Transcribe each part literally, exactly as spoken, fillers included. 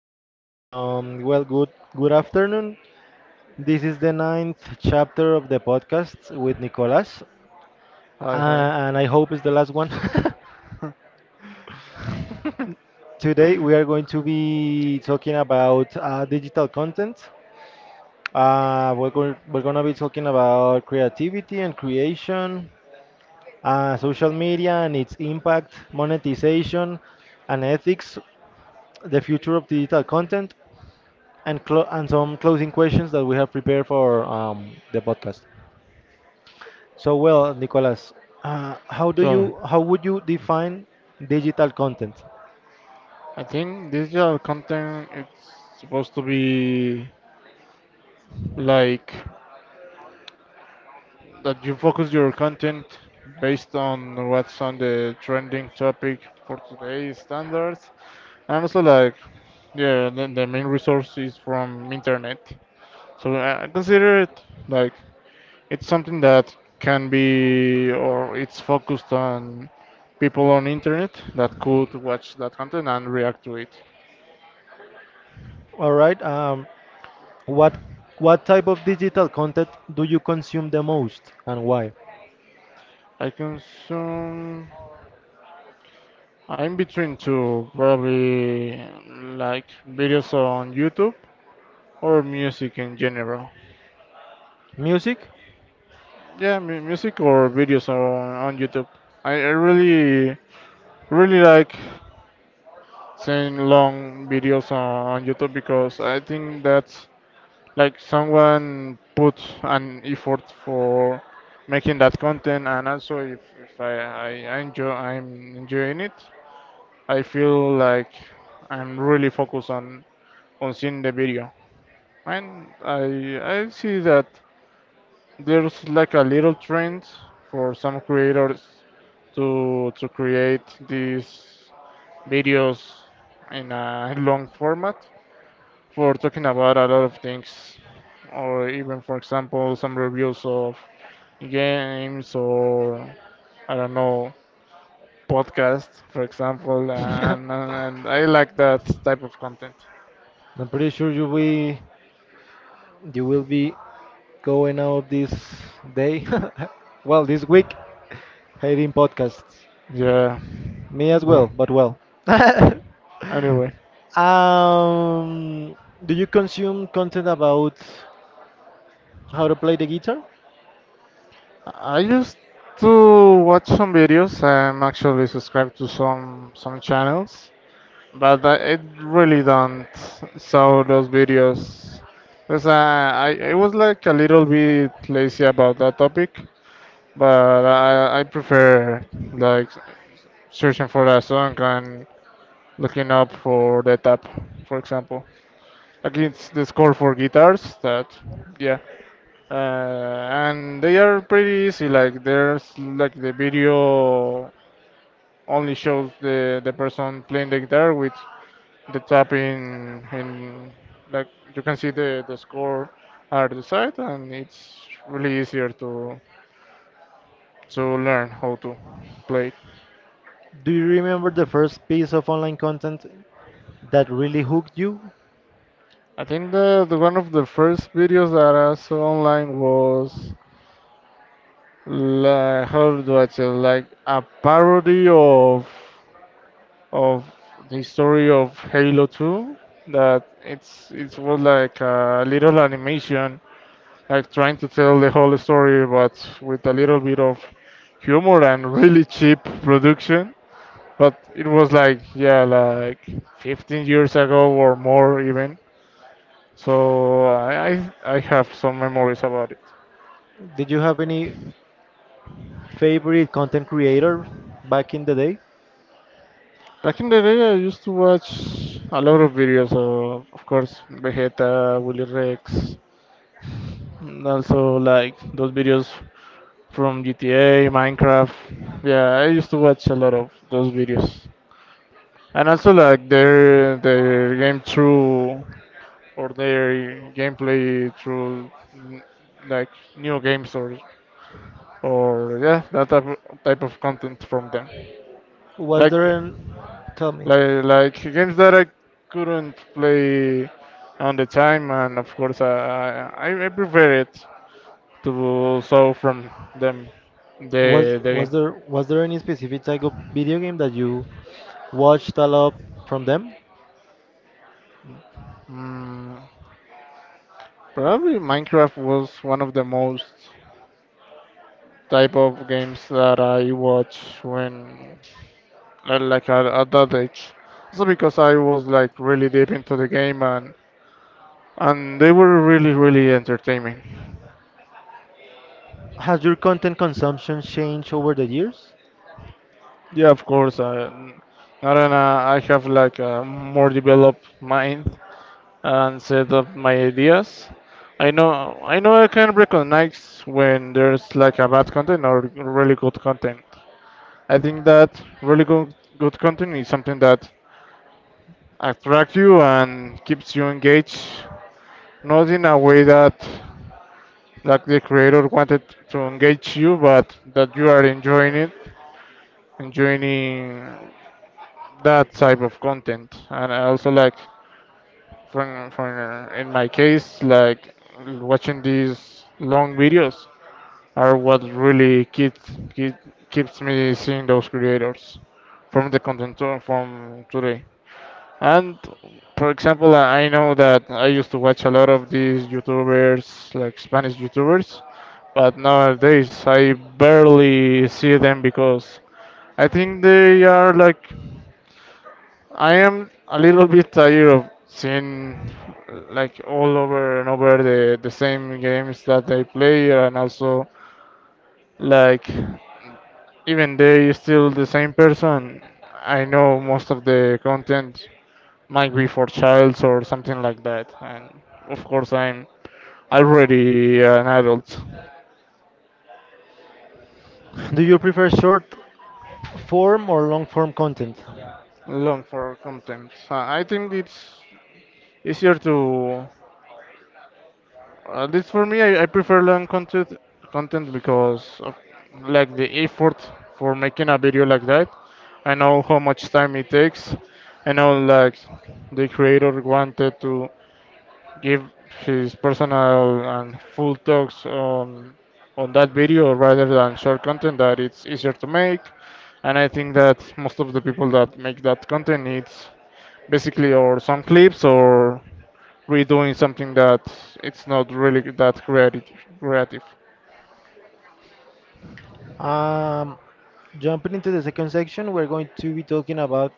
start. Um, well, good good afternoon. This is the ninth chapter of the podcast with Nicolas, uh, Hi, hi. and I hope it's the last one. Today we are going to be talking about uh, digital content. Uh, we're going we're gonna be talking about creativity and creation, uh, social media and its impact, monetization, and ethics, the future of digital content, and clo- and some closing questions that we have prepared for um, the podcast. So, well, Nicolas, uh, how do So, you how would you define digital content? I think this digital content it's supposed to be like that you focus your content based on what's on the trending topic for today's standards, and also like yeah, the, the main resource is from internet. So I I consider it like it's something that can be or it's focused on people on internet that could watch that content and react to it. All right, um, what what type of digital content do you consume the most and why? I consume. I'm between two, probably like videos on YouTube or music in general. Music? Yeah, mu- music or videos on, on YouTube. I, I really, really like seeing long videos on, on YouTube because I think that's like someone put an effort for making that content, and also if, if I, I I enjoy I'm enjoying it, I feel like I'm really focused on on seeing the video, and I I see that there's like a little trend for some creators to to create these videos in a long format for talking about a lot of things, or even for example some reviews of games or I don't know podcasts for example, and and I like that type of content. I'm pretty sure you will you will be going out this day, well, this week, hating podcasts. Yeah. Me as Well, well, but well. anyway, Um, do you consume content about how to play the guitar? I used to watch some videos. I'm actually subscribed to some some channels, but I it really don't saw those videos. Because I, I I was like a little bit lazy about that topic, but I I prefer like searching for a song and looking up for the tab, for example. Like it's the score for guitars. That yeah. Uh, and they are pretty easy. Like there's like the video only shows the the person playing the guitar with the tapping, and like you can see the the score at the side, and it's really easier to to learn how to play. It. Do you remember the first piece of online content that really hooked you? I think the, the one of the first videos that I saw online was like how do I say, like a parody of of the story of Halo two. That it's it was like a little animation, like trying to tell the whole story but with a little bit of humor and really cheap production, but it was like, yeah, like fifteen years ago or more even. So I I, I have some memories about it. Did you have any favorite content creator back in the day? Back in the day, I used to watch a lot of videos of, of course, Vegeta, Willy Rex, and also like those videos from G T A, Minecraft. Yeah, I used to watch a lot of those videos. And also like their their game through, or their gameplay through, mm, like new games, or or yeah, that type of, type of content from them. Was Like there an, tell me, like like games that I couldn't play on the time, and of course I I, I prefer it to saw from them the was the was game. there was there any specific type of video game that you watched a lot from them? Mm, probably Minecraft was one of the most type of games that I watched when uh, like at, at that age. Also because I was like really deep into the game, and and they were really really entertaining. Has your content consumption changed over the years? Yeah, of course. I, I don't know. I have like a more developed mind, and set up my ideas. I know I know I can recognize when there's like a bad content or really good content. I think that really good good content is something that attracts you and keeps you engaged, not in a way that like the creator wanted to engage you, but that you are enjoying it, enjoying that type of content. And I also like from, from uh, in my case, like watching these long videos are what really keeps keep, keeps me seeing those creators from the content to- from today. And for example, I know that I used to watch a lot of these YouTubers, like Spanish YouTubers, but nowadays I barely see them because I think they are like I am a little bit tired of seeing uh, like all over and over the, the same games that they play, and also like even they still the same person. I know most of the content might be for childs or something like that, and of course I'm already an adult. Do you prefer short form or long form content? Long for content. Uh, I think it's easier to, at least for me, I, I prefer long content content because of, like the effort for making a video like that. I know how much time it takes. I know like the creator wanted to give his personal and full talks on on that video rather than short content that it's easier to make. And I think that most of the people that make that content it's basically or some clips or redoing something that it's not really that creative. Creative. Um, Jumping into the second section, we're going to be talking about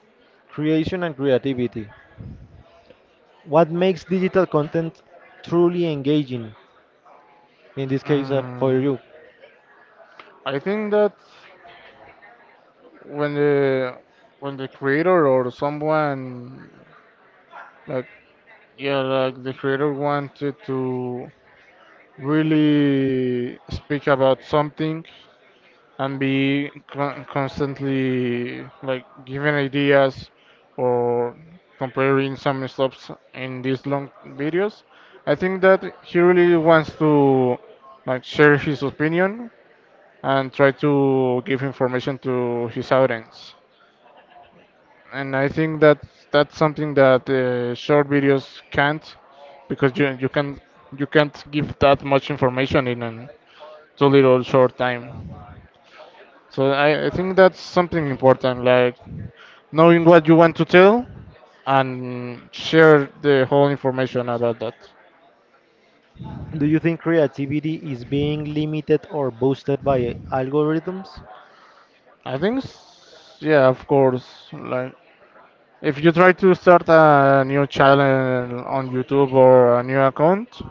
creation and creativity. What makes digital content truly engaging? In this case, uh, for Mm, you, I think that when the when the creator or someone, like yeah, like the creator wanted to really speak about something and be con- constantly like giving ideas or comparing some stops in these long videos. I think that he really wants to like share his opinion and try to give information to his audience. And I think that that's something that uh, short videos can't, because you you can you can't give that much information in a too little short time. So I, I think that's something important, like knowing what you want to tell and share the whole information about that. do you think creativity is being limited or boosted by algorithms? I think, s- yeah, of course, like if you try to start a new channel on YouTube or a new account,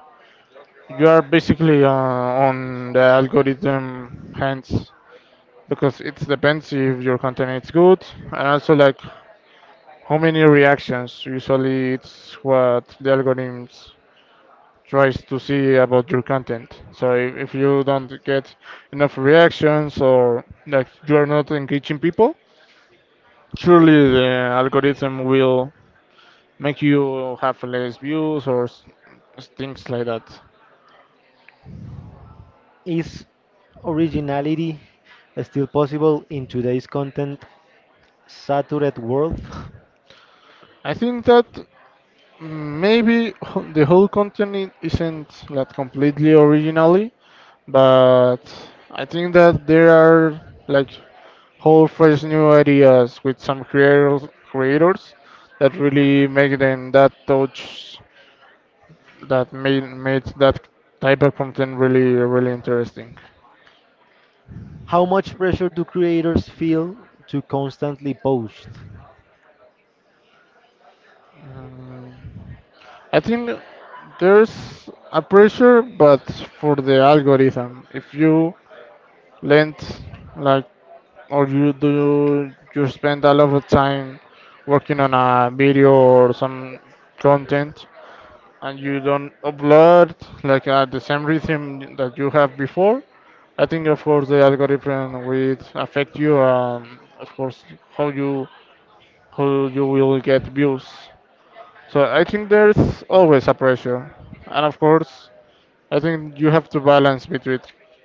you are basically uh, on the algorithm hands, because it depends if your content is good, and also like how many reactions usually it's what the algorithms tries to see about your content. So if, if you don't get enough reactions or like you are not engaging people, surely the algorithm will make you have less views or s- things like that. Is originality still possible in today's content saturated world? I think that maybe h- the whole content i- isn't that completely originally. But I think that there are, like, whole fresh new ideas with some creators creators that really make them, that touch that made made that type of content really really interesting. How much pressure do creators feel to constantly post? Um, I think there's a pressure, but for the algorithm, if you lend like or you do you spend a lot of time working on a video or some content, and you don't upload like at the same rhythm that you have before, I think of course the algorithm will affect you, and of course how you how you will get views. So I think there's always a pressure, and of course I think you have to balance between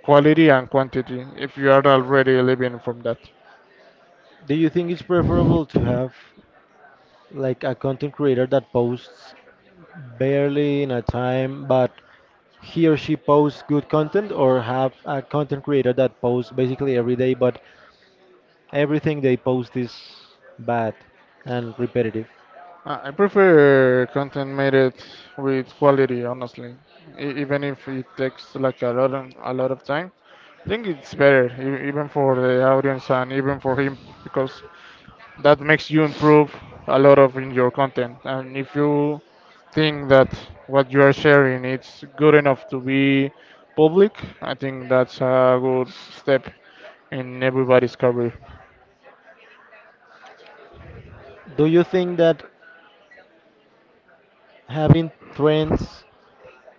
quality and quantity if you are already living from that. Do you think it's preferable to have like a content creator that posts barely in a time, but he or she posts good content, or have a content creator that posts basically every day, but everything they post is bad and repetitive. I I prefer content made it with quality, honestly. E- even if it takes like a lot of, a lot of time, I think it's better, e- even for the audience and even for him, because that makes you improve a lot of in your content. And if you think that what you are sharing it's good enough to be public, I think that's a good step in everybody's career. Do you think that having trends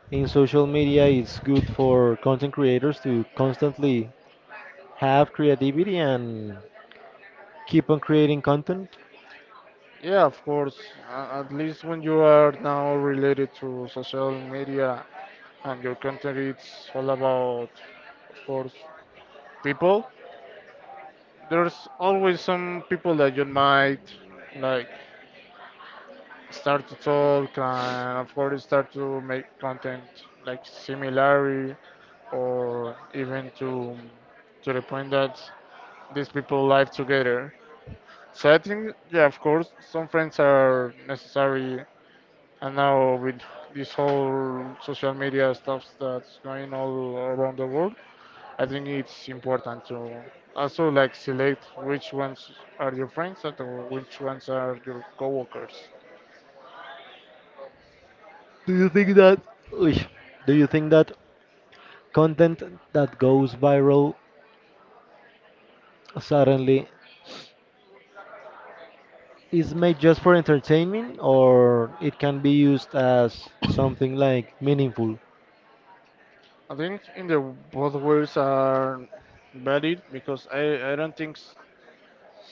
in social media is good for content creators to constantly have creativity and keep on creating content? Yeah, of course. A- At least when you are now related to social media and your content it's all about, of course, people. There's always some people that you might, like, start to talk and of course start to make content like similarity, or even to to the point that these people live together. So I think, yeah, of course, some friends are necessary. And now with this whole social media stuff that's going all around the world, I think it's important to also like select which ones are your friends, and or which ones are your coworkers. Do you think that Uy, do you think that content that goes viral, certainly, it's made just for entertainment or it can be used as something like meaningful. I think in the both ways are valid, because I, I don't think s-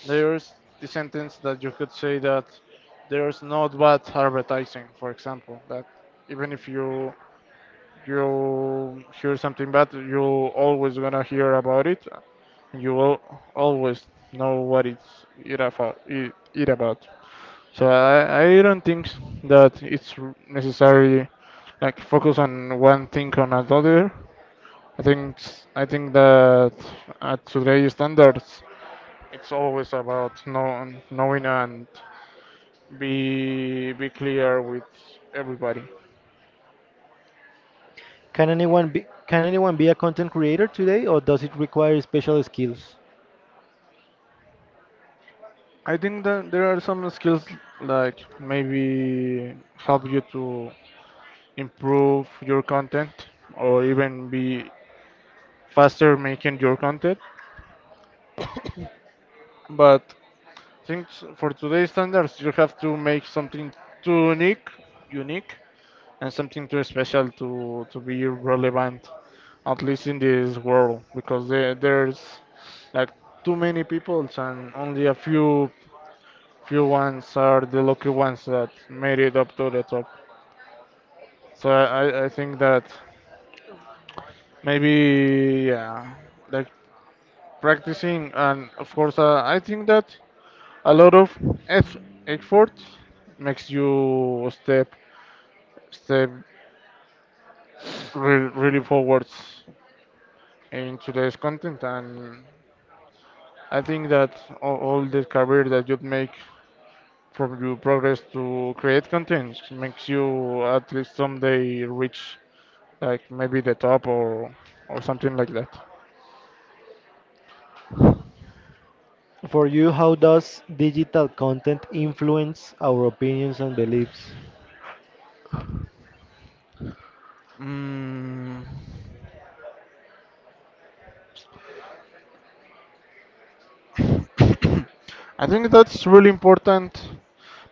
there's the sentence that you could say, that there's not bad advertising, for example, that even if you you hear something bad, you always gonna hear about it. You will always know what it's it about. It, it about. So I, I don't think that it's necessary like focus on one thing on another. I think s- I think that at today's standards, it's always about know, knowing and be be clear with everybody. Can anyone be can anyone be a content creator today or does it require special skills? I think that there are some skills like maybe help you to improve your content or even be faster making your content. But I think s- for today's standards, you have to make something too unique, unique, and something too special to to be relevant, at least in this world, because there there's like too many people, and only a few few ones are the lucky ones that made it up to the top. So I, I think that maybe yeah, like practicing, and of course uh, I think that a lot of eff- effort makes you step step re- really forwards in today's content. And I think that all, all the career that you make from your progress to create content makes you at least someday reach, like maybe the top, or or something like that. For you, how does digital content influence our opinions and beliefs? Mm. I think that's really important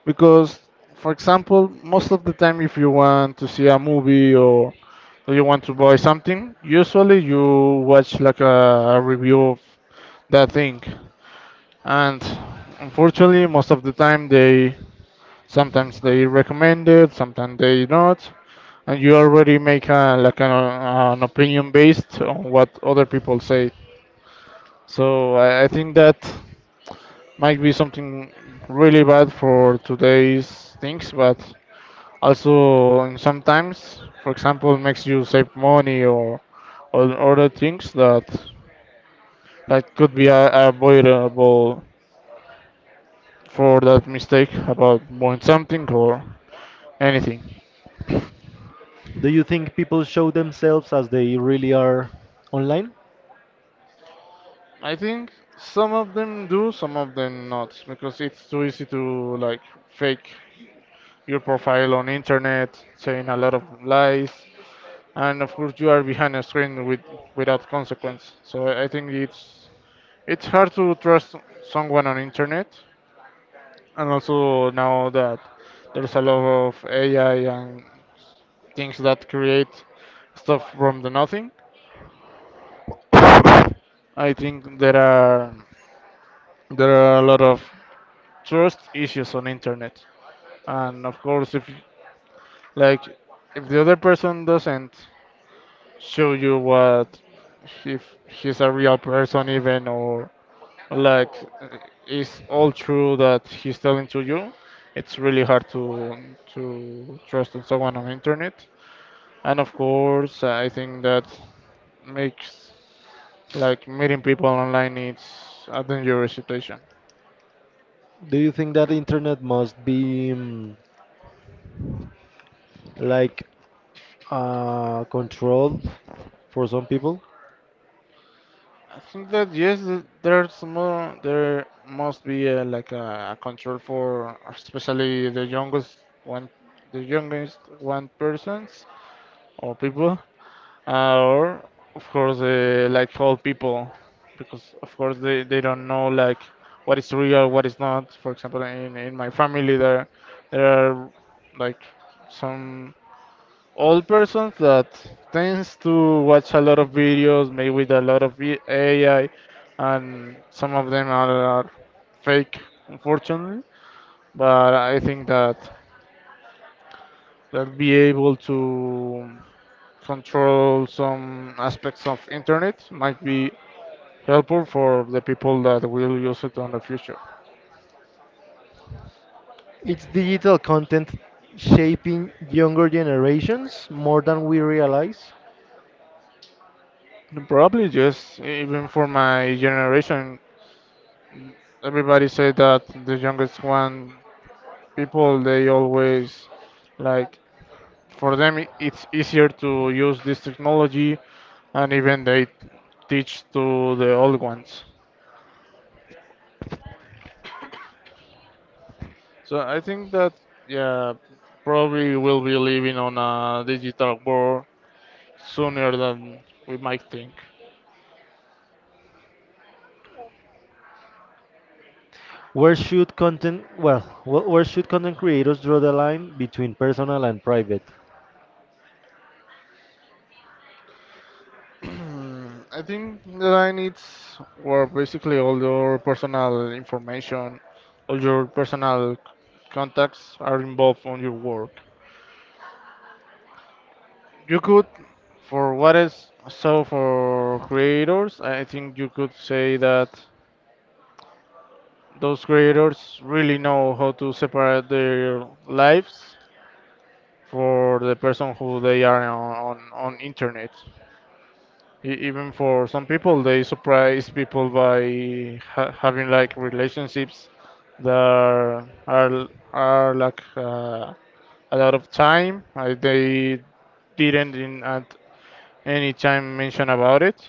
because, for example, most of the time, if you want to see a movie or you want to buy something, usually you watch like a, a review of that thing, and unfortunately, most of the time they sometimes they recommend it, sometimes they not, and you already make a, like an, an opinion based on what other people say. So I, I think that might be something really bad for today's things, but also in sometimes, for example, makes you save money or or other things that that could be a- avoidable for that mistake about buying something or anything. Do you think people show themselves as they really are online? I think some of them do, some of them not, because it's too easy to like fake your profile on internet, saying a lot of lies, and of course you are behind a screen with without consequence. So I I think it's it's hard to trust someone on internet, and also now that there's a lot of A I and things that create stuff from the nothing. I think there are there are a lot of trust issues on internet, and of course if y- like if the other person doesn't show you what if he's a real person even or like uh, is all true that he's telling to you it's really hard to to trust on someone on internet and of course I think that makes like meeting people online it's a dangerous situation. Do you think that internet must be mm, like uh, controlled for some people? I think that yes, th- there's more there must be a, like a control for especially the youngest one the youngest one persons or people, Uh, or of course uh, like old people, because of course they, they don't know like what is real what is not. For example, in, in my family there there are like some old persons that tends to watch a lot of videos made with a lot of vi- A I and some of them are, are fake unfortunately, but I think that they'll be able to control some aspects of internet might be helpful for the people that will use it on the future. It's digital content shaping younger generations more than we realize. Probably yes, even for my generation, everybody say that the youngest one people they always like for them i- it's easier to use this technology, and even they teach to the old ones. So I think that yeah, probably we'll be living on a digital world sooner than we might think. Where should content well, wh- where should content creators draw the line between personal and private? I think the line needs where basically all your personal information, all your personal contacts are involved on your work. You could, for what is so for creators, I think you could say that those creators really know how to separate their lives for the person who they are on on, on internet. E- even for some people, they surprise people by ha having like relationships that are are, are like uh, a lot of time. Uh, they didn't in at any time mention about it,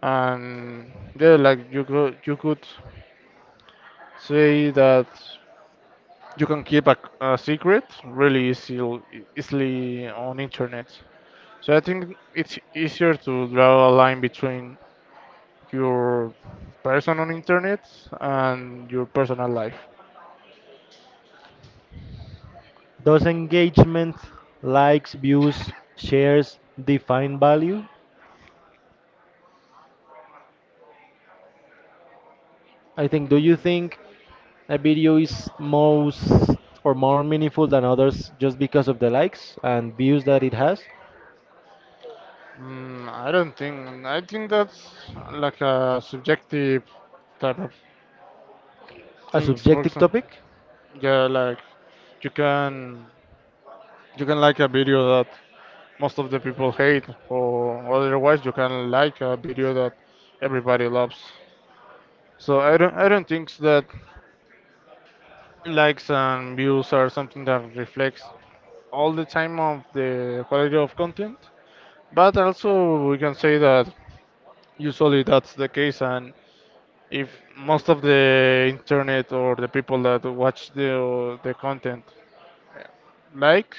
and yeah, like you could you could say that you can keep a, a secret really easy, easily on internet. So I think it's easier to draw a line between your person on internet and your personal life. Does engagement, likes, views, shares define value? I think Do you think a video is most or more meaningful than others just because of the likes and views that it has? Mm, I don't think. I think that's like a subjective type of A things. For subjective example, topic? yeah, like you can you can like a video that most of the people hate, or otherwise you can like a video that everybody loves. So I don't I don't think that likes and views are something that reflects all the time of the quality of content. But also, we can say that usually that's the case, and if most of the internet or the people that watch the the content like,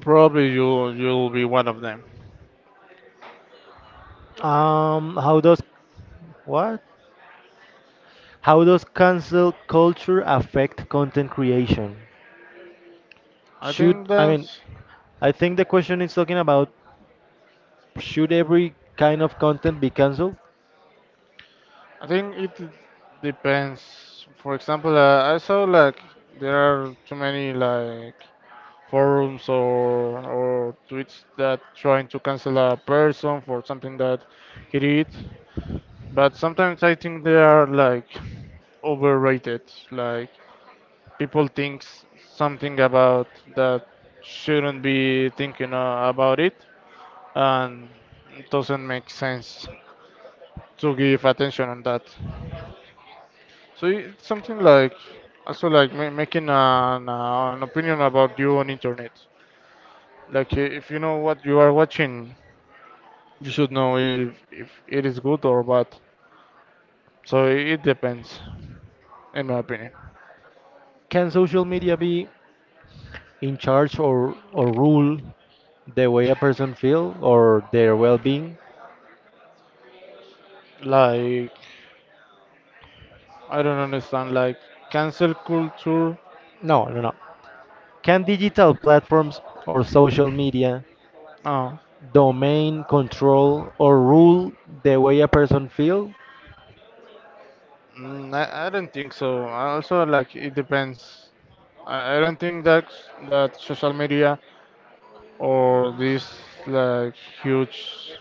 probably you you'll be one of them. Um how does what? How does cancel culture affect content creation? I Should think I mean that's I think the question is talking about should every kind of content be canceled? I think it depends. For example, uh, I saw like there are too many like forums or or tweets that trying to cancel a person for something that he did. But sometimes I think they are like overrated. Like people think s- something about that shouldn't be thinking uh, about it, and it doesn't make sense to give attention on that. So it's something like also like ma- making an uh, an opinion about you on internet. Like i- if you know what you are watching, you should know if if it is good or bad. So it depends, in my opinion. Can social media be in charge or, or rule the way a person feel or their well-being? Like I don't understand. Like cancel culture? No, no, no. Can digital platforms or social media Oh, domain control or rule the way a person feel? mm, I, I don't think so. I. Also, like it depends. I, I don't think that that social media or these like huge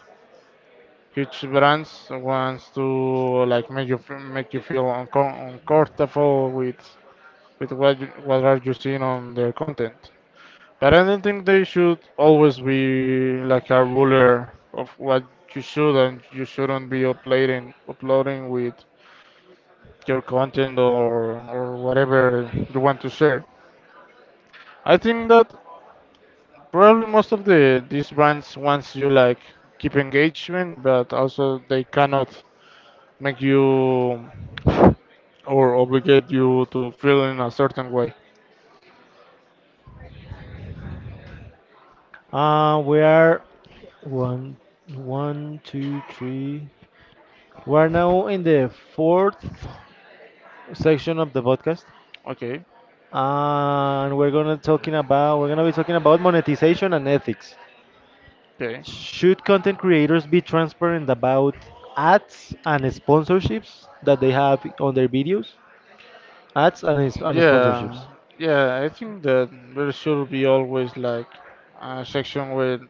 huge brands wants to like make you f- make you feel uncom uncomfortable with with what you, what are you seeing on their content. But I don't think they should always be like a ruler of what you should and you shouldn't be uploading uploading with your content or or whatever you want to share. I think that probably most of the these brands wants you like keep engagement, but also they cannot make you or obligate you to feel in a certain way. Uh, we are one, one, two, three. We're now in the fourth section of the podcast, Okay, and we're gonna talking about we're gonna be talking about monetization and ethics. okay. Should content creators be transparent about ads and sponsorships that they have on their videos? Ads and is- and Yeah, sponsorships. yeah, I think that there should be always like a section where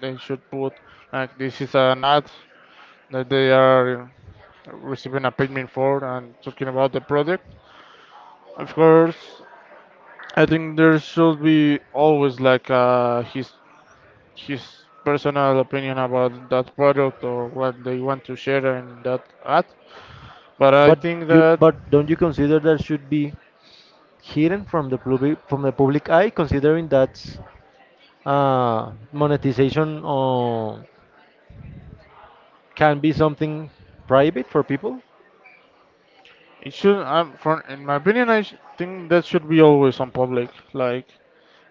they should put like this is an ad that they are receiving a payment for and talking about the product. Of course, I think there should be always like uh, his his personal opinion about that product or what they want to share in that ad. But I But think you that but don't you consider that should be hidden from the public from the public eye, considering that uh, monetization uh, can be something private for people? it should, um, for in my opinion, I sh- think that should be always on public. Like,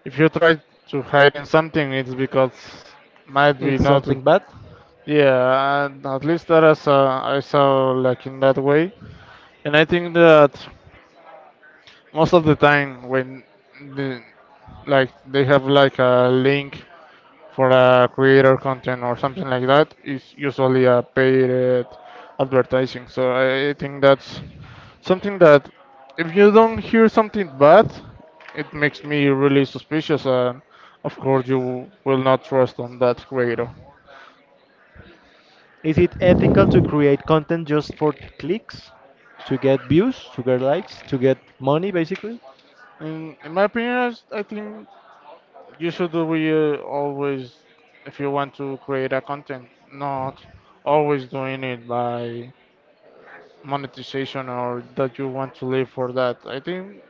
if you try to hide in something, it's because might be It's not. something bad. Yeah, and at least that is, uh, I saw like in that way, and I think that most of the time when the, like they have like a link for a creator content or something like that, it's usually a paid advertising. So I think that's something that, if you don't hear something bad, it makes me really suspicious, and of course, you will not trust on that creator. Is it ethical to create content just for clicks, to get views, to get likes, to get money, basically? In, in my opinion, I s- I think you should be uh, always, if you want to create a content, not always doing it by monetization or that you want to live for that. I think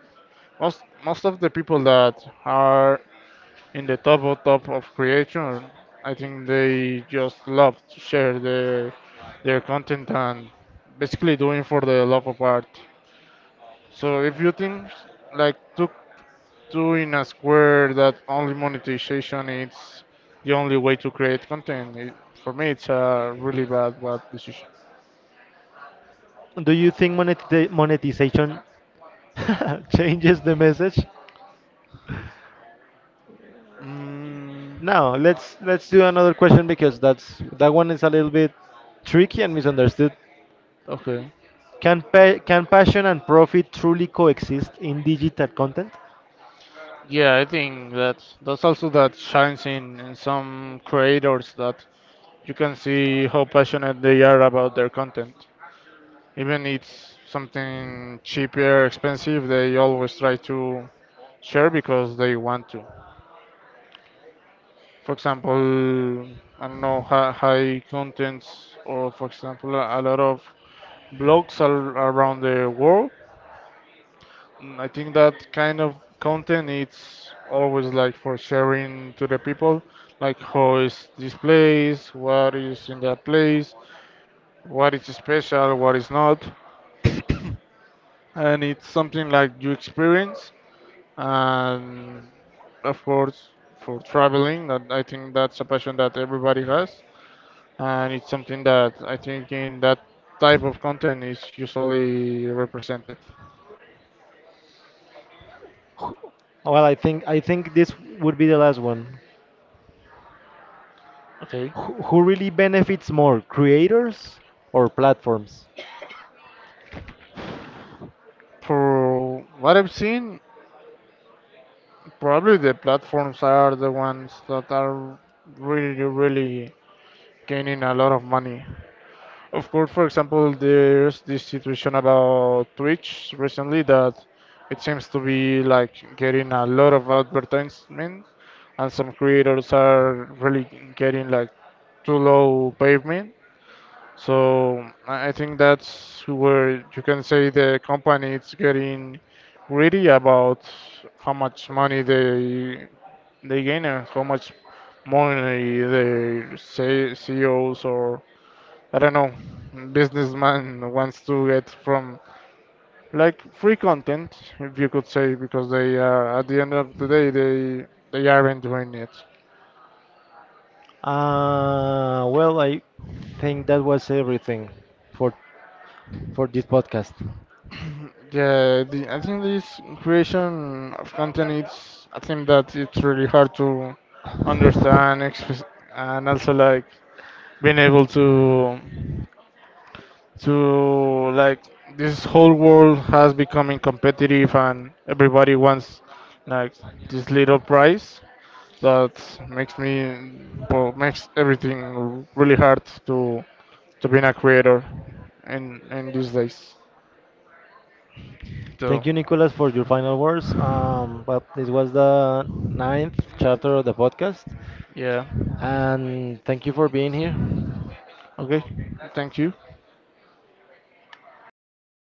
most most of the people that are in the top of top of creation. I think they just love to share their their content and basically doing for the love of art. So if you think like to doing a square that only monetization is the only way to create content, it, for me it's a really bad bad decision. Do you think monetiza- monetization changes the message? Mm, Now, let's let's do another question because that's that one is a little bit tricky and misunderstood. okay. Can pa- can passion and profit truly coexist in digital content? Yeah, I think that that's also that shines in in some creators that you can see how passionate they are about their content. Even it's something cheaper, expensive, they always try to share because they want to. For example, I don't know, hi- high contents, or for example, a lot of blogs are around the world. Mm, I think that kind of content it's always like for sharing to the people, like how is this place, what is in that place, what is special, what is not, and it's something like you experience. And of course, for traveling, that I think that's a passion that everybody has, and it's something that I think in that type of content is usually represented. Wh- Well, I think I think this would be the last one. Okay. Who who really benefits more, creators or platforms? For what I've seen, probably the platforms are the ones that are really, really gaining a lot of money. Of course, for example, there's this situation about Twitch recently that it seems to be like getting a lot of advertisement, and some creators are really getting like too low payment. So I I think that's where you can say the company is getting greedy about how much money they they gain and how much money their C- CEOs or I don't know, businessman wants to get from like free content, if you could say, because they are at the end of the day they they aren't doing it. Uh, well, I think that was everything for for this podcast. Yeah, the, I think this creation of content it's I think that it's really hard to understand express, and also like being able to to like this whole world has becoming competitive and everybody wants like this little prize that makes me well makes everything really hard to to being a creator in in these days. So Thank you, Nicholas, for your final words. Um, but this was the ninth chapter of the podcast, yeah. and thank you for being here. Okay. Thank you.